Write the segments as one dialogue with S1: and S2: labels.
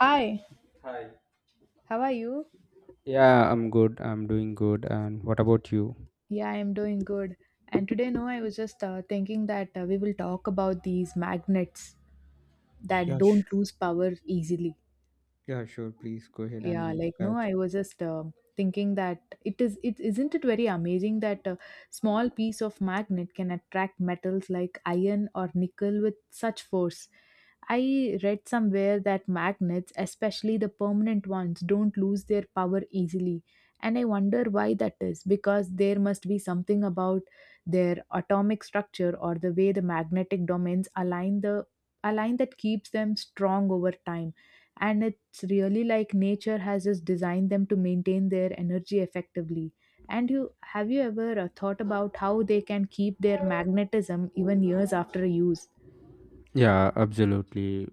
S1: Hi,
S2: Hi.
S1: how are you?
S2: Yeah, I'm good. I'm doing good. And what about you?
S1: Yeah, I'm doing good. And today, no, I was just thinking that we will talk about these magnets that
S2: Yeah, sh-
S1: don't lose power easily.
S2: yeah, sure. Please go ahead and
S1: Yeah,
S2: we'll
S1: like no,
S2: catch
S1: I
S2: you.
S1: was just thinking that it is it isn't it very amazing that a small piece of magnet can attract metals like iron or nickel with such force. I read somewhere that magnets, especially the permanent ones, don't lose their power easily. And I wonder why that is, because there must be something about their atomic structure or the way the magnetic domains align, the align that keeps them strong over time, and it's really like nature has just designed them to maintain their energy effectively. And you have you ever thought about how they can keep their magnetism even years after use?
S2: Yeah, absolutely.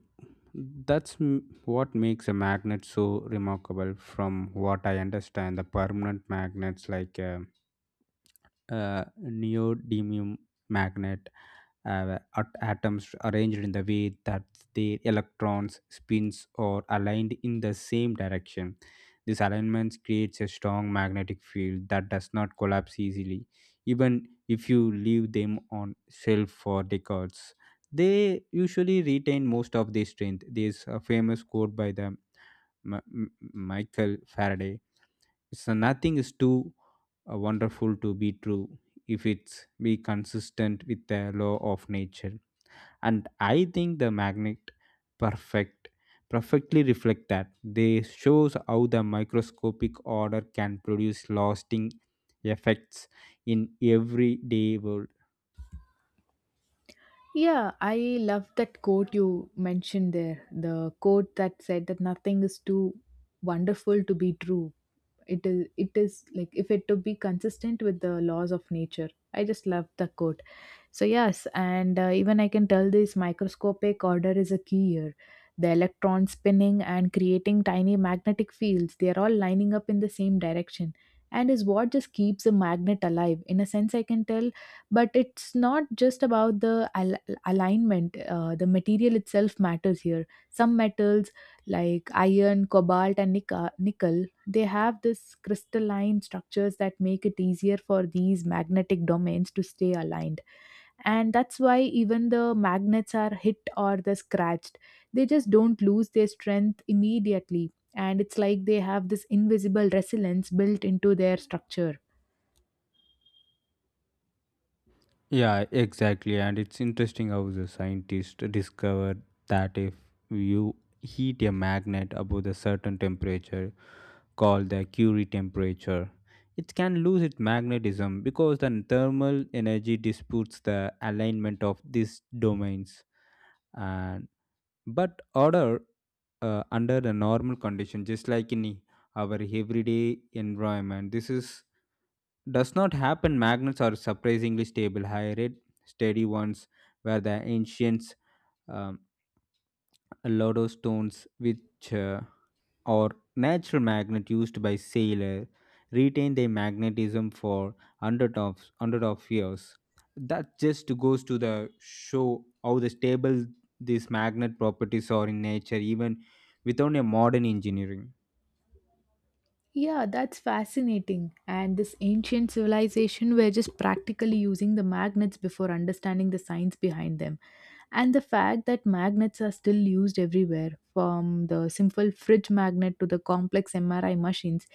S2: What makes a magnet so remarkable. From what I understand, the permanent magnets like a, uh uh, neodymium magnet atoms arranged in the way that their electrons spins or aligned in the same direction. This alignment creates a strong magnetic field that does not collapse easily, even if you leave them on shelf for decades. They usually retain most of their strength. There's a famous quote by Michael Faraday, so nothing is too wonderful to be true if it's be consistent with the law of nature. And I think the magnet perfect perfectly reflect that. They shows how the microscopic order can produce lasting effects in everyday world.
S1: Yeah, I love that quote you mentioned there, the quote that said that nothing is too wonderful to be true. It is like, if it to be consistent with the laws of nature. I just love the quote. So yes, and even I can tell this microscopic order is a key here. The electrons spinning and creating tiny magnetic fields, they are all lining up in the same direction, and is what just keeps a magnet alive, in a sense, I can tell. But it's not just about the alignment. The material itself matters here. Some metals like iron, cobalt, and nickel, they have this crystalline structures that make it easier for these magnetic domains to stay aligned. And that's why even the magnets are hit or the scratched, they just don't lose their strength immediately, and it's like they have this invisible resilience built into their structure.
S2: Yeah, exactly. And it's interesting how the scientists discovered that if you heat a magnet above a certain temperature called the Curie temperature, it can lose its magnetism because the thermal energy disputes the alignment of these domains. And but order, under the normal condition, just like in our everyday environment, this is does not happen. Magnets are surprisingly stable, high rate, steady ones, where the ancients um, lodostones, which or natural magnet used by sailors, retain their magnetism for hundred of years. That just goes to the show how the stable these magnet properties are in nature, even without a modern engineering.
S1: Yeah, that's fascinating. And this ancient civilization were just practically using the magnets before understanding the science behind them. And the fact that magnets are still used everywhere, from the simple fridge magnet to the complex MRI machines,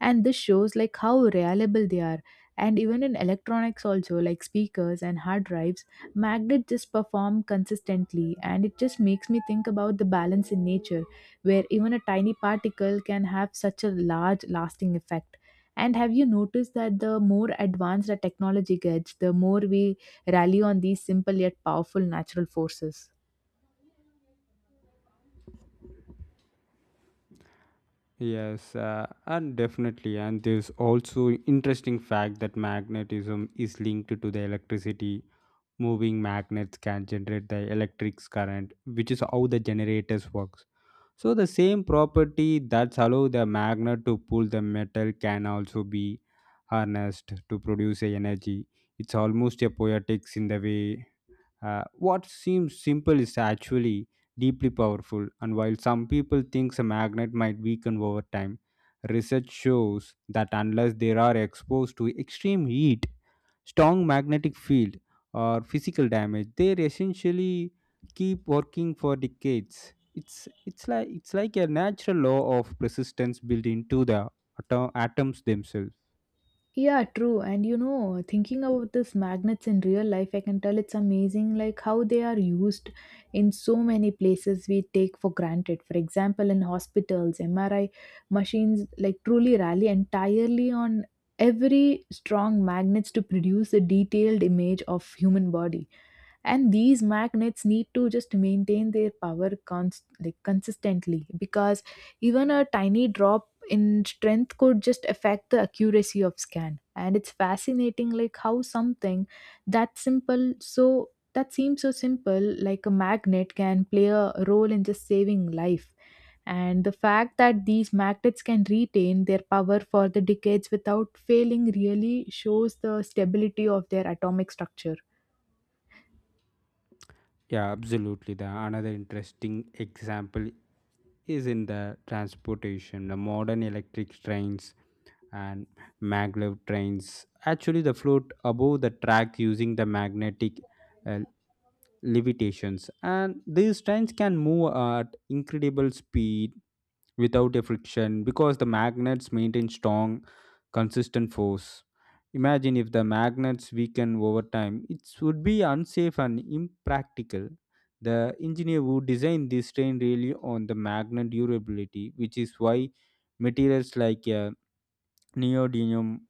S1: and this shows like how reliable they are. And even in electronics also, like speakers and hard drives, magnets just perform consistently, and it just makes me think about the balance in nature, where even a tiny particle can have such a large lasting effect. And have you noticed that the more advanced the technology gets, the more we rally on these simple yet powerful natural forces?
S2: Yes, and definitely. And there's also interesting fact that magnetism is linked to the electricity. Moving magnets can generate the electric current, which is how the generators works. So the same property that allow the magnet to pull the metal can also be harnessed to produce a energy. It's almost a poetics in the way what seems simple is actually deeply powerful, and while some people think a magnet might weaken over time, research shows that unless they are exposed to extreme heat, strong magnetic field, or physical damage, they essentially keep working for decades. It's like a natural law of persistence built into the atoms themselves.
S1: Yeah, true. And you know, thinking about these magnets in real life, I can tell it's amazing like how they are used in so many places we take for granted. For example, in hospitals, MRI machines like truly rally entirely on every strong magnets to produce a detailed image of human body, and these magnets need to just maintain their power like consistently, because even a tiny drop in strength could just affect the accuracy of scan. And it's fascinating like how something that simple, so that seems so simple, like a magnet can play a role in just saving life. And the fact that these magnets can retain their power for the decades without failing really shows the stability of their atomic structure.
S2: Yeah, absolutely. The another interesting example is in the transportation. The modern electric trains and maglev trains actually the float above the track using the magnetic uh, levitations, and these trains can move at incredible speed without a friction because the magnets maintain strong, consistent force. Imagine if the magnets weaken over time, it would be unsafe and impractical. The engineer who designed this train really on the magnet durability, which is why materials like a neodymium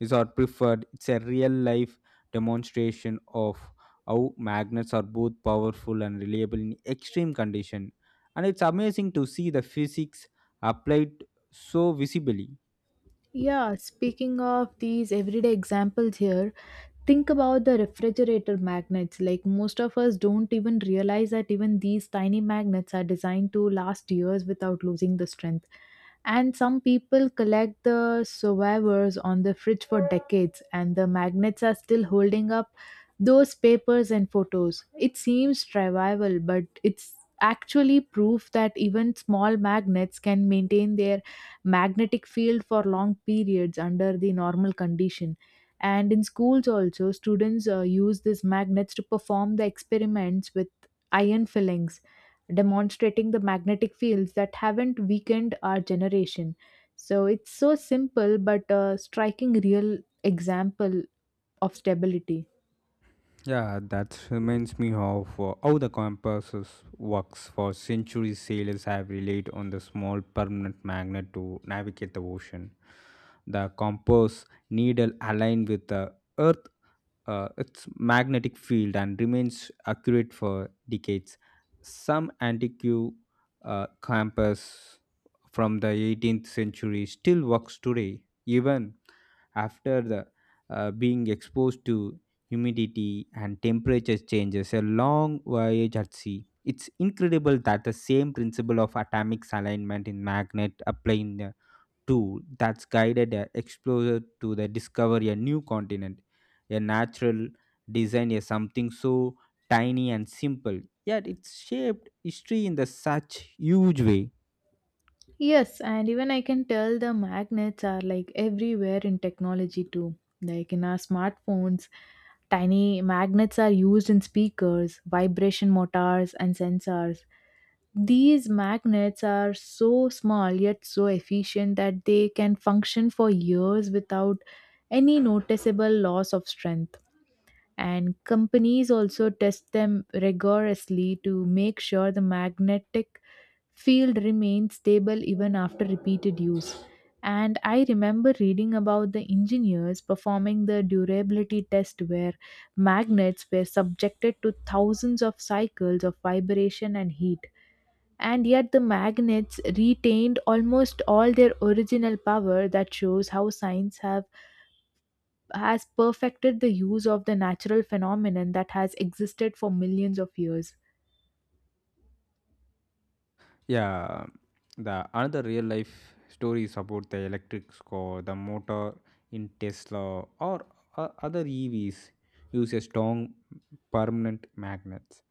S2: is our preferred. It's a real life demonstration of how magnets are both powerful and reliable in extreme condition. And it's amazing to see the physics applied so visibly.
S1: Yeah, speaking of these everyday examples here, think about the refrigerator magnets, like most of us don't even realize that even these tiny magnets are designed to last years without losing the strength. And some people collect the survivors on the fridge for decades, and the magnets are still holding up those papers and photos. It seems trivial, but it's actually proof that even small magnets can maintain their magnetic field for long periods under the normal condition. And in schools also, students use these magnets to perform the experiments with iron fillings, demonstrating the magnetic fields that haven't weakened our generation. So it's so simple but a striking real example of stability.
S2: Yeah, that reminds me of how the compasses works. For centuries, sailors have relied on the small permanent magnet to navigate the ocean. The compass needle aligned with the Earth its magnetic field, and remains accurate for decades. Some antique campus from the 18th century still works today, even after the being exposed to humidity and temperature changes a long voyage at sea. It's incredible that the same principle of atomic alignment in magnet apply in tool that's guided an explorer to the discover a new continent. A natural design a something so tiny and simple, yet it's shaped history in the such huge way.
S1: Yes, and even I can tell the magnets are like everywhere in technology too. Like in our smartphones, tiny magnets are used in speakers, vibration motors, and sensors. These magnets are so small yet so efficient that they can function for years without any noticeable loss of strength. And companies also test them rigorously to make sure the magnetic field remains stable even after repeated use. And I remember reading about the engineers performing the durability test where magnets were subjected to thousands of cycles of vibration and heat, and yet the magnets retained almost all their original power. That shows how science have has perfected the use of the natural phenomenon that has existed for millions of years.
S2: Yeah, the another real life stories about the electric car, the motor in Tesla or other EVs use a strong permanent magnets.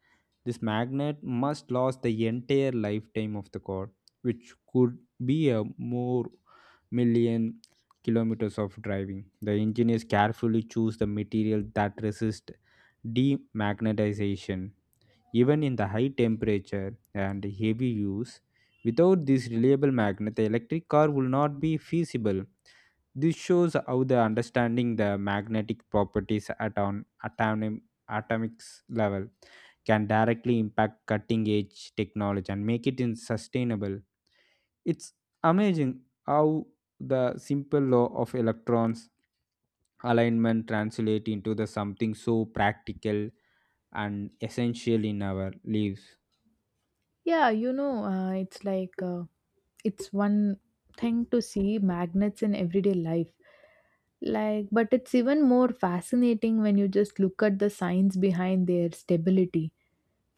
S2: This magnet must last the entire lifetime of the car, which could be a more million kilometers of driving. The engineers carefully choose the material that resist demagnetization even in the high temperature and heavy use. Without this reliable magnet, the electric car will not be feasible. This shows how the understanding the magnetic properties at an atomics level can directly impact cutting edge technology and make it in sustainable. It's amazing how the simple law of electrons alignment translate into the something so practical and essential in our lives.
S1: Yeah, it's like it's one thing to see magnets in everyday life, like, but it's even more fascinating when you just look at the science behind their stability.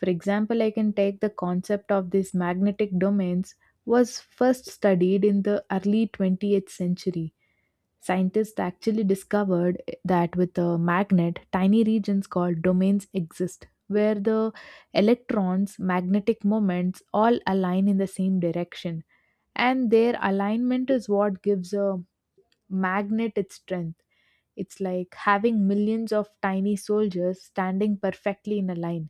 S1: For example, I can take the concept of these magnetic domains was first studied in the early 20th century. Scientists actually discovered that with a magnet, tiny regions called domains exist, where the electrons, magnetic moments all align in the same direction. And their alignment is what gives a magnet its strength. It's like having millions of tiny soldiers standing perfectly in a line.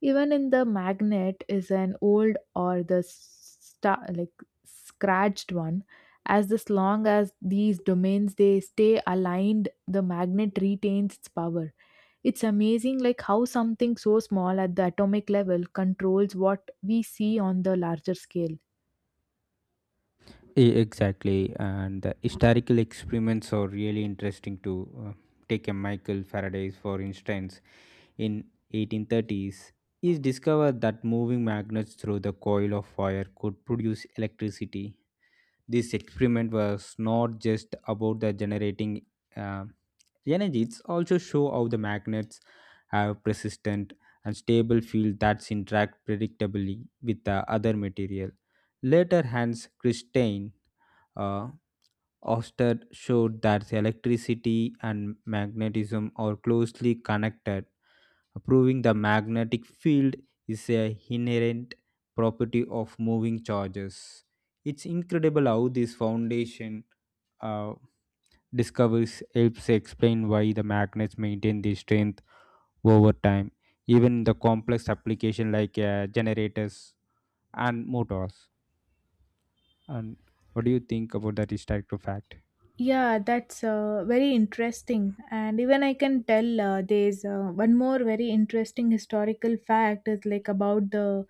S1: Even in the magnet is an old or the like scratched one. As this long as these domains they stay aligned, the magnet retains its power. It's amazing like how something so small at the atomic level controls what we see on the larger scale.
S2: Exactly, and the historical experiments are really interesting to uh, take a Michael Faraday for instance. In 1830s, he discovered that moving magnets through the coil of wire could produce electricity. This experiment was not just about the generating uh, energy; it's also show how the magnets have persistent and stable field that's interact predictably with the other material. Later, Hans Christian uh, Oster showed that electricity and magnetism are closely connected, proving the magnetic field is a inherent property of moving charges. It's incredible how this foundation uh, discovers helps explain why the magnets maintain their strength over time, even in the complex application like generators and motors. And what do you think about that historical fact?
S1: Yeah, that's very interesting. And even I can tell there's one more very interesting historical fact is like about the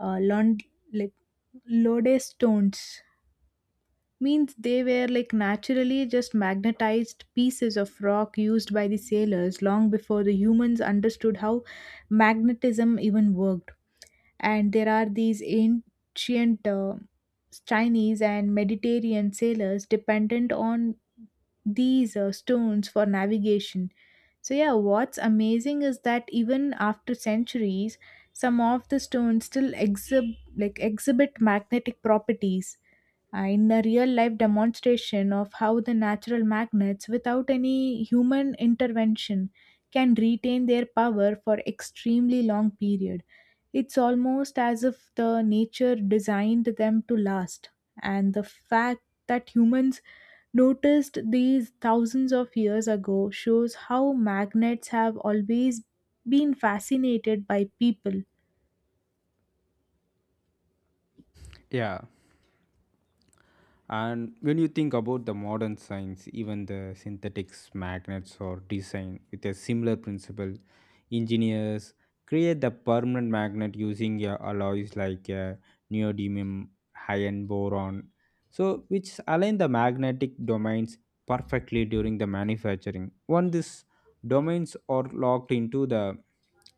S1: uh, Lond- like lodestones, means they were like naturally just magnetized pieces of rock used by the sailors long before the humans understood how magnetism even worked. And there are these ancient Chinese and Mediterranean sailors dependent on these stones for navigation. So, yeah, what's amazing is that even after centuries, some of the stones still like exhibit magnetic properties, and a real life demonstration of how the natural magnets, without any human intervention, can retain their power for extremely long period. It's almost as if the nature designed them to last, and the fact that humans noticed these thousands of years ago shows how magnets have always been fascinated by people.
S2: Yeah, and when you think about the modern science, even the synthetics, magnets, or design with a similar principle, engineers create the permanent magnet using alloys like neodymium, iron boron, so which align the magnetic domains perfectly during the manufacturing. Once these domains are locked into the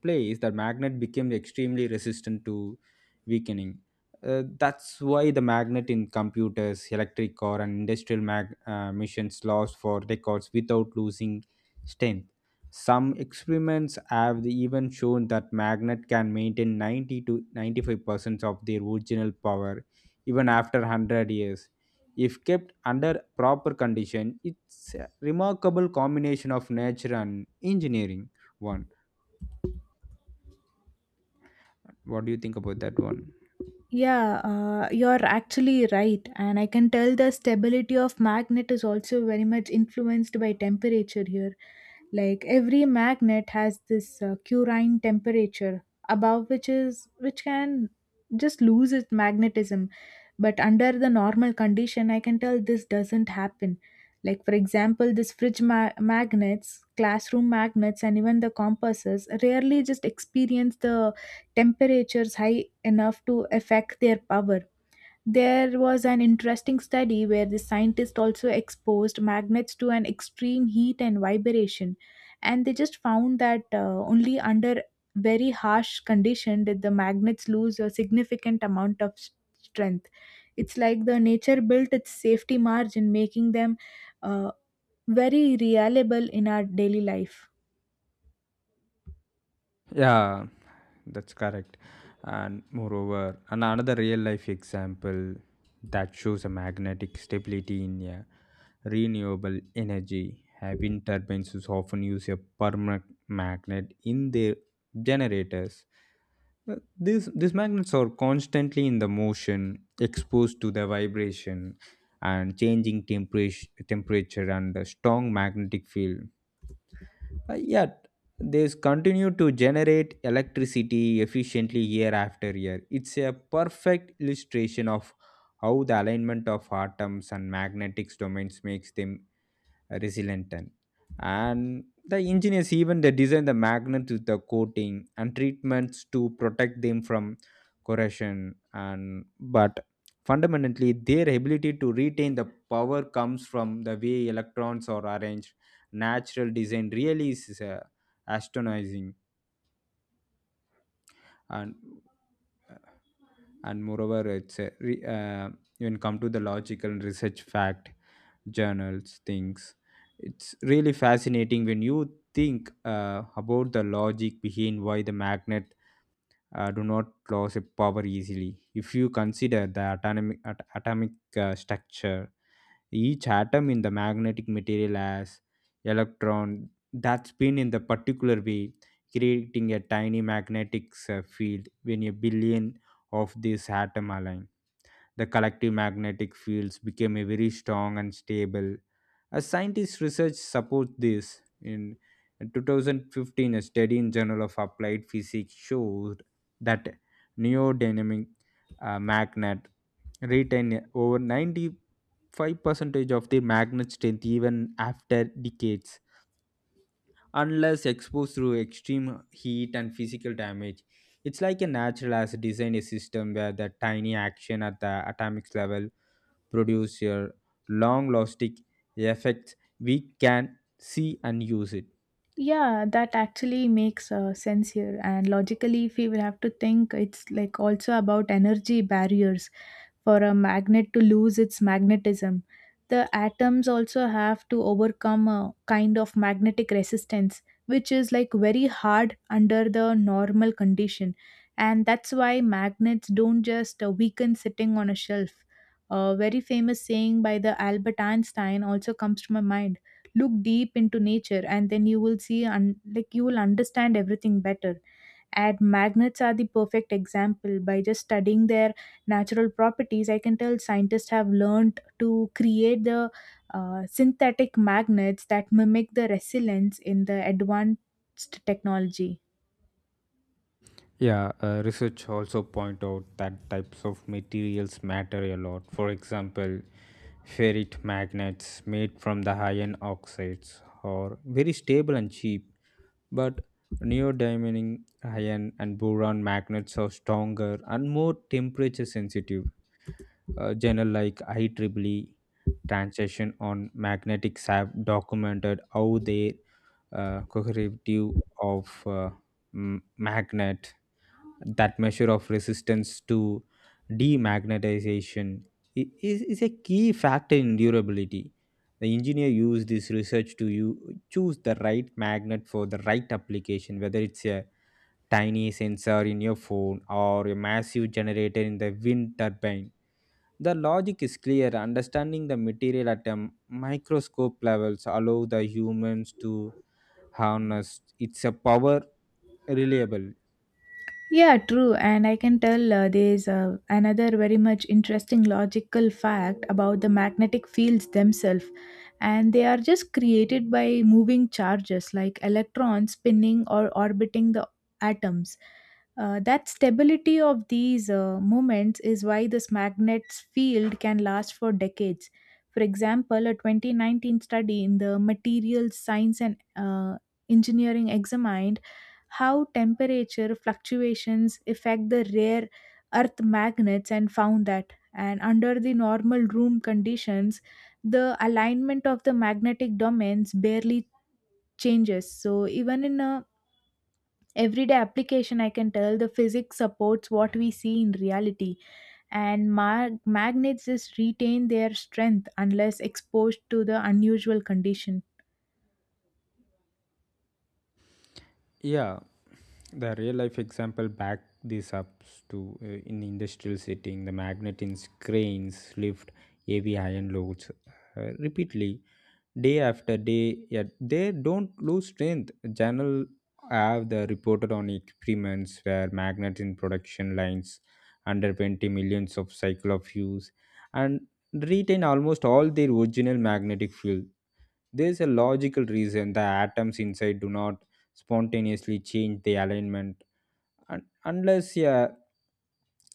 S2: place, the magnet becomes extremely resistant to weakening. That's why the magnet in computers, electric car, and industrial machines last for records without losing strength. Some experiments have even shown that magnet can maintain 90 to 95% of their original power even after 100 years. If kept under proper condition, it's a remarkable combination of nature and engineering. One, what do you think about that one?
S1: Yeah, you're actually right. And I can tell the stability of magnet is also very much influenced by temperature here. Like every magnet has this current temperature above which can just lose its magnetism. But under the normal condition, I can tell this doesn't happen. Like for example, this fridge magnets, classroom magnets, and even the compasses rarely just experience the temperatures high enough to affect their power. There was an interesting study where the scientists also exposed magnets to an extreme heat and vibration, and they just found that only under very harsh condition did the magnets lose a significant amount of strength. It's like the nature built its safety margin, making them uh, very reliable in our daily life.
S2: Yeah, that's correct. And moreover, another real life example that shows a magnetic stability in a renewable energy. Wind turbines is often use a permanent magnet in their generators. These magnets are constantly in the motion, exposed to the vibration and changing temperature and the strong magnetic field, yet they continue to generate electricity efficiently year after year. It's a perfect illustration of how the alignment of atoms and magnetic domains makes them resilient. And the engineers even they design the magnets with the coating and treatments to protect them from corrosion and but fundamentally their ability to retain the power comes from the way electrons are arranged. Natural design really is astonishing. And and moreover it's a re, uh, when come to the logical and research fact journals things, it's really fascinating when you think about the logic behind why the magnet do not lose its power easily. If you consider the atomic structure, each atom in the magnetic material has electron that spin in the particular way, creating a tiny magnetic field. When a billion of these atom align, the collective magnetic fields became a very strong and stable. As scientists' research supports this, in 2015, a study in Journal of Applied Physics showed that neodynamic magnet retain over 95 percentage of the magnet strength even after decades, unless exposed to extreme heat and physical damage. It's like a natural as design a system where the tiny action at the atomic level produce your long lasting effects we can see and use it.
S1: Yeah, that actually makes sense here. And logically, if we will have to think, it's like also about energy barriers for a magnet to lose its magnetism. The atoms also have to overcome a kind of magnetic resistance, which is like very hard under the normal condition. And that's why magnets don't just weaken sitting on a shelf. A very famous saying by the Albert Einstein also comes to my mind: look deep into nature, and then you will see, and like you will understand everything better. And magnets are the perfect example. By just studying their natural properties, I can tell scientists have learned to create the synthetic magnets that mimic the resilience in the advanced technology.
S2: Yeah, research also point out that types of materials matter a lot. For example, ferrite magnets made from the iron oxides are very stable and cheap, but neodymium iron and boron magnets are stronger and more temperature sensitive. Journal like IEEE Transaction on Magnetic have documented how their coherative of magnet, that measure of resistance to demagnetization, is a key factor in durability. The engineer used this research to you choose the right magnet for the right application, whether it's a tiny sensor in your phone or a massive generator in the wind turbine. The logic is clear. Understanding the material at a microscope levels allow the humans to harness its a power reliable.
S1: Yeah, true. And I can tell there's another very much interesting logical fact about the magnetic fields themselves. And they are just created by moving charges like electrons spinning or orbiting the atoms. That stability of these moments is why this magnet's field can last for decades. For example, a 2019 study in the Materials Science and Engineering examined how temperature fluctuations affect the rare earth magnets, and found that, and under the normal room conditions, the alignment of the magnetic domains barely changes. So even in a everyday application, I can tell the physics supports what we see in reality, and magnets just retain their strength unless exposed to the unusual condition.
S2: Yeah, the real life example back this up to in industrial setting. The magnet in cranes lift heavy iron loads repeatedly day after day, yet they don't lose strength. Journal have the reported on experiments where magnets in production lines under 20 millions of cycle of use and retain almost all their original magnetic field. There is a logical reason the atoms inside do not spontaneously change the alignment unless a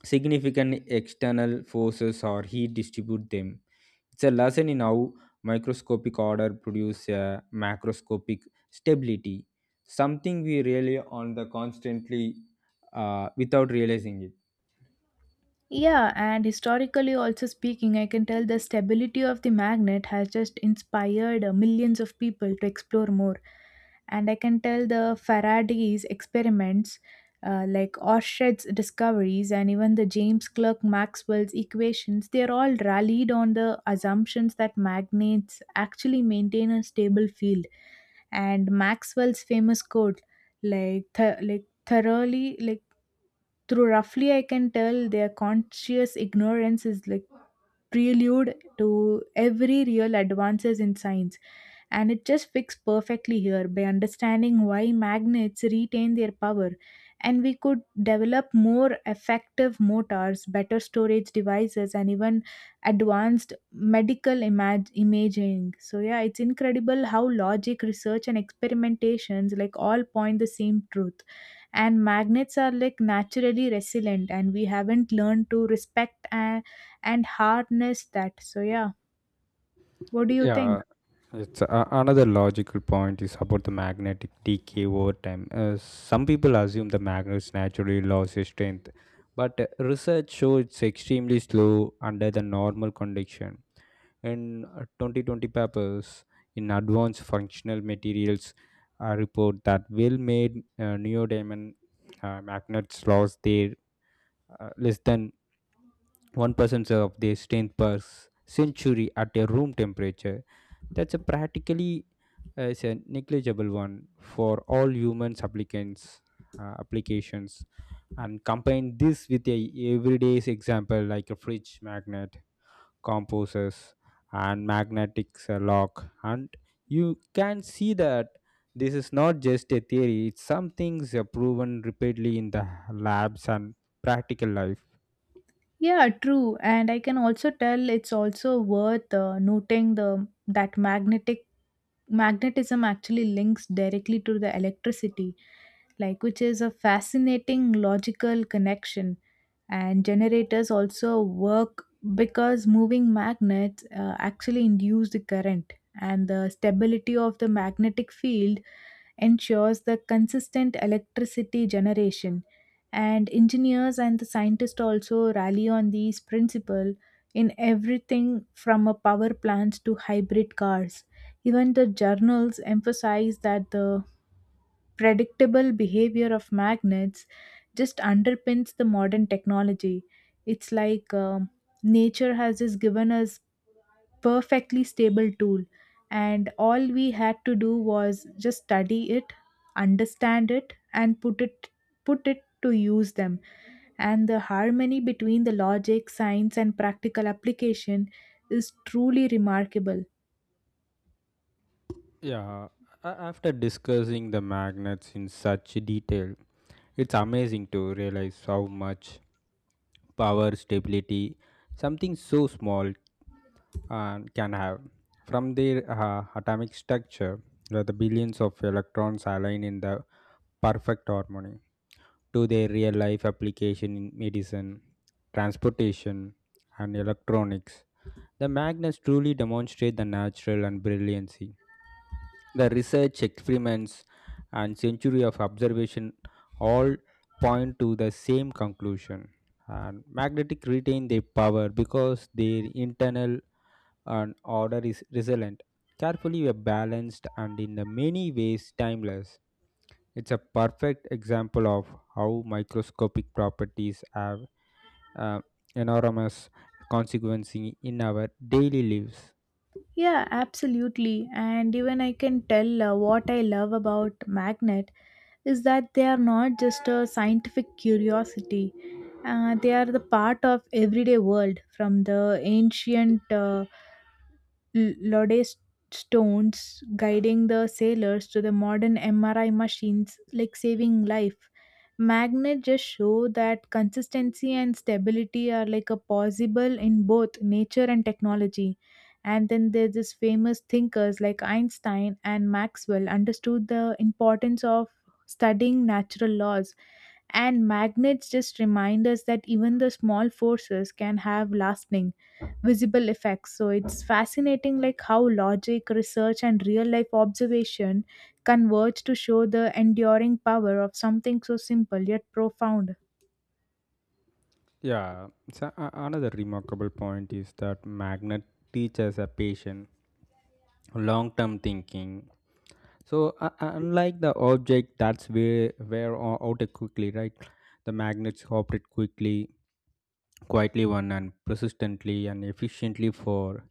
S2: significant external forces or heat distribute them. It's a lesson in how microscopic order produce a macroscopic stability, something we rely on the constantly without realizing it.
S1: Yeah, and historically also speaking, I can tell the stability of the magnet has just inspired millions of people to explore more. And I can tell the Faraday's experiments, like Oersted's discoveries, and even the James Clerk Maxwell's equations, they are all rallied on the assumptions that magnets actually maintain a stable field. And Maxwell's famous quote, like, th- like thoroughly, like through roughly I can tell their conscious ignorance is like prelude to every real advances in science. And it just fits perfectly here by understanding why magnets retain their power, and we could develop more effective motors, better storage devices, and even advanced medical imaging. So yeah, it's incredible how logic, research, and experimentations like all point the same truth, and magnets are like naturally resilient, and we haven't learned to respect and harness that. So yeah, what do you think?
S2: Yeah, it's another logical point is about the magnetic decay over time. Some people assume the magnets naturally lose its strength, but research shows it's extremely slow under the normal condition. And 2020 papers in advanced functional materials report that well made neodymium magnets lost their less than 1% of their strength per century at a room temperature. That's a practically is a negligible one for all humans applicants applications, and combine this with a everyday's example like a fridge magnet composes and magnetic lock, and you can see that this is not just a theory, it's something proven repeatedly in the labs and practical life.
S1: Yeah, true. And I can also tell it's also worth noting the that magnetic magnetism actually links directly to the electricity, like, which is a fascinating logical connection. And generators also work because moving magnets actually induce the current, and the stability of the magnetic field ensures the consistent electricity generation. And engineers and the scientists also rally on these principle in everything from a power plants to hybrid cars. Even the journals emphasize that the predictable behavior of magnets just underpins the modern technology. It's like, nature has just given us perfectly stable tool, and all we had to do was just study it, understand it, and put it to use them. And the harmony between the logic, science, and practical application is truly remarkable.
S2: Yeah, after discussing the magnets in such detail, it's amazing to realize how much power, stability, something so small can have. From their atomic structure, where the billions of electrons align in the perfect harmony, to their real life application in medicine, transportation, and electronics, the magnets truly demonstrate the natural and brilliancy. The research, experiments, and century of observation all point to the same conclusion. And magnetic retain their power because their internal and order is resilient, carefully balanced, and in the many ways timeless. It's a perfect example of how microscopic properties have uh, enormous consequences in our daily lives.
S1: Yeah, absolutely. And even I can tell what I love about magnet is that they are not just a scientific curiosity. They are the part of everyday world, from the ancient Lodestones guiding the sailors to the modern MRI machines, like saving life. Magnets just show that consistency and stability are like a possible in both nature and technology. And then there's this famous thinkers like Einstein and Maxwell understood the importance of studying natural laws. And magnets just remind us that even the small forces can have lasting visible effects. So it's fascinating, like, how logic, research, and real life observation converge to show the enduring power of something so simple yet profound.
S2: Yeah, so another remarkable point is that magnet teaches a patient long-term thinking. So unlike the object that's out quickly, right? The magnets operate quickly, quietly, one and persistently and efficiently for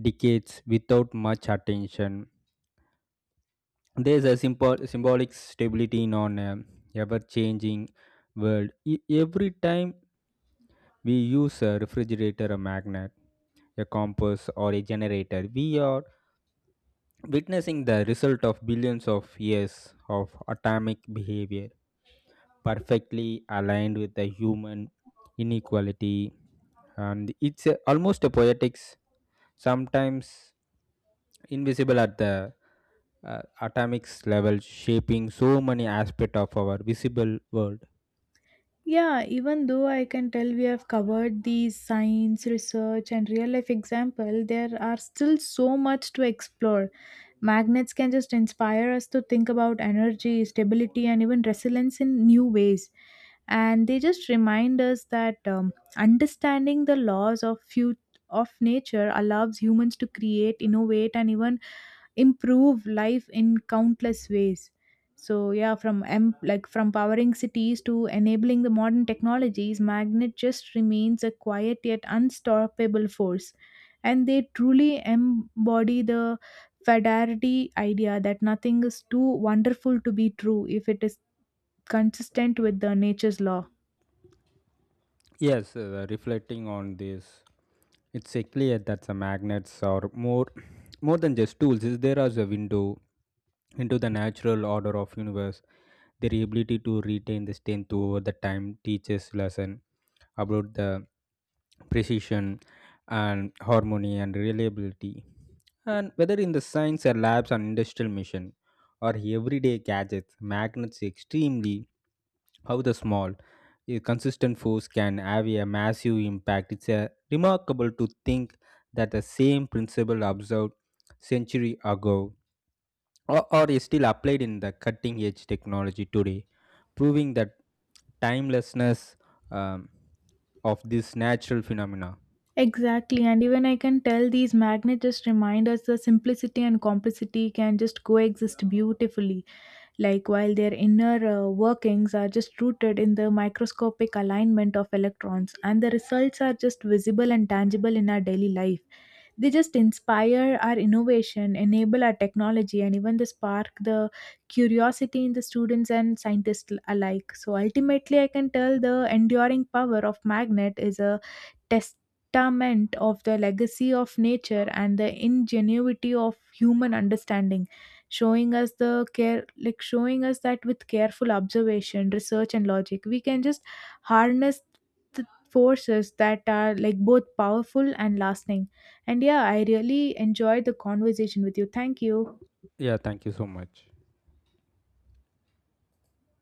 S2: decades without much attention. There's a simple symbolic stability in on an ever-changing world. Every time we use a refrigerator, a magnet, a compass, or a generator, we are witnessing the result of billions of years of atomic behavior, perfectly aligned with the human inequality, and it's a, almost a poetics sometimes invisible at the atomics level, shaping so many aspects of our visible world.
S1: Yeah, even though I can tell we have covered these science, research, and real life example, there are still so much to explore. Magnets can just inspire us to think about energy, stability, and even resilience in new ways. And they just remind us that understanding the laws of few of nature allows humans to create, innovate, and even improve life in countless ways. So yeah, like from powering cities to enabling the modern technologies, magnet just remains a quiet yet unstoppable force, and they truly embody the fidelity idea that nothing is too wonderful to be true if it is consistent with the nature's law.
S2: Yes, reflecting on this, it's a clear that the magnets are more than just tools. Is there as a window into the natural order of universe. Their ability to retain the strength over the time teaches lesson about the precision and harmony and reliability. And whether in the science or labs and industrial mission or everyday gadgets, magnets extremely how the small a consistent force can have a massive impact. It's a remarkable to think that the same principle observed century ago or is still applied in the cutting edge technology today, proving that timelessness um, of this natural phenomena.
S1: Exactly, and even I can tell these magnets just remind us the simplicity and complexity can just coexist beautifully, like while their inner workings are just rooted in the microscopic alignment of electrons, and the results are just visible and tangible in our daily life. They just inspire our innovation, enable our technology, and even they spark the curiosity in the students and scientists alike. So ultimately, I can tell the enduring power of magnet is a test testament of the legacy of nature and the ingenuity of human understanding, showing us the care like showing us that with careful observation, research, and logic, we can just harness the forces that are like both powerful and lasting. And yeah, I really enjoyed the conversation with you. Thank you.
S2: Yeah, thank you so much.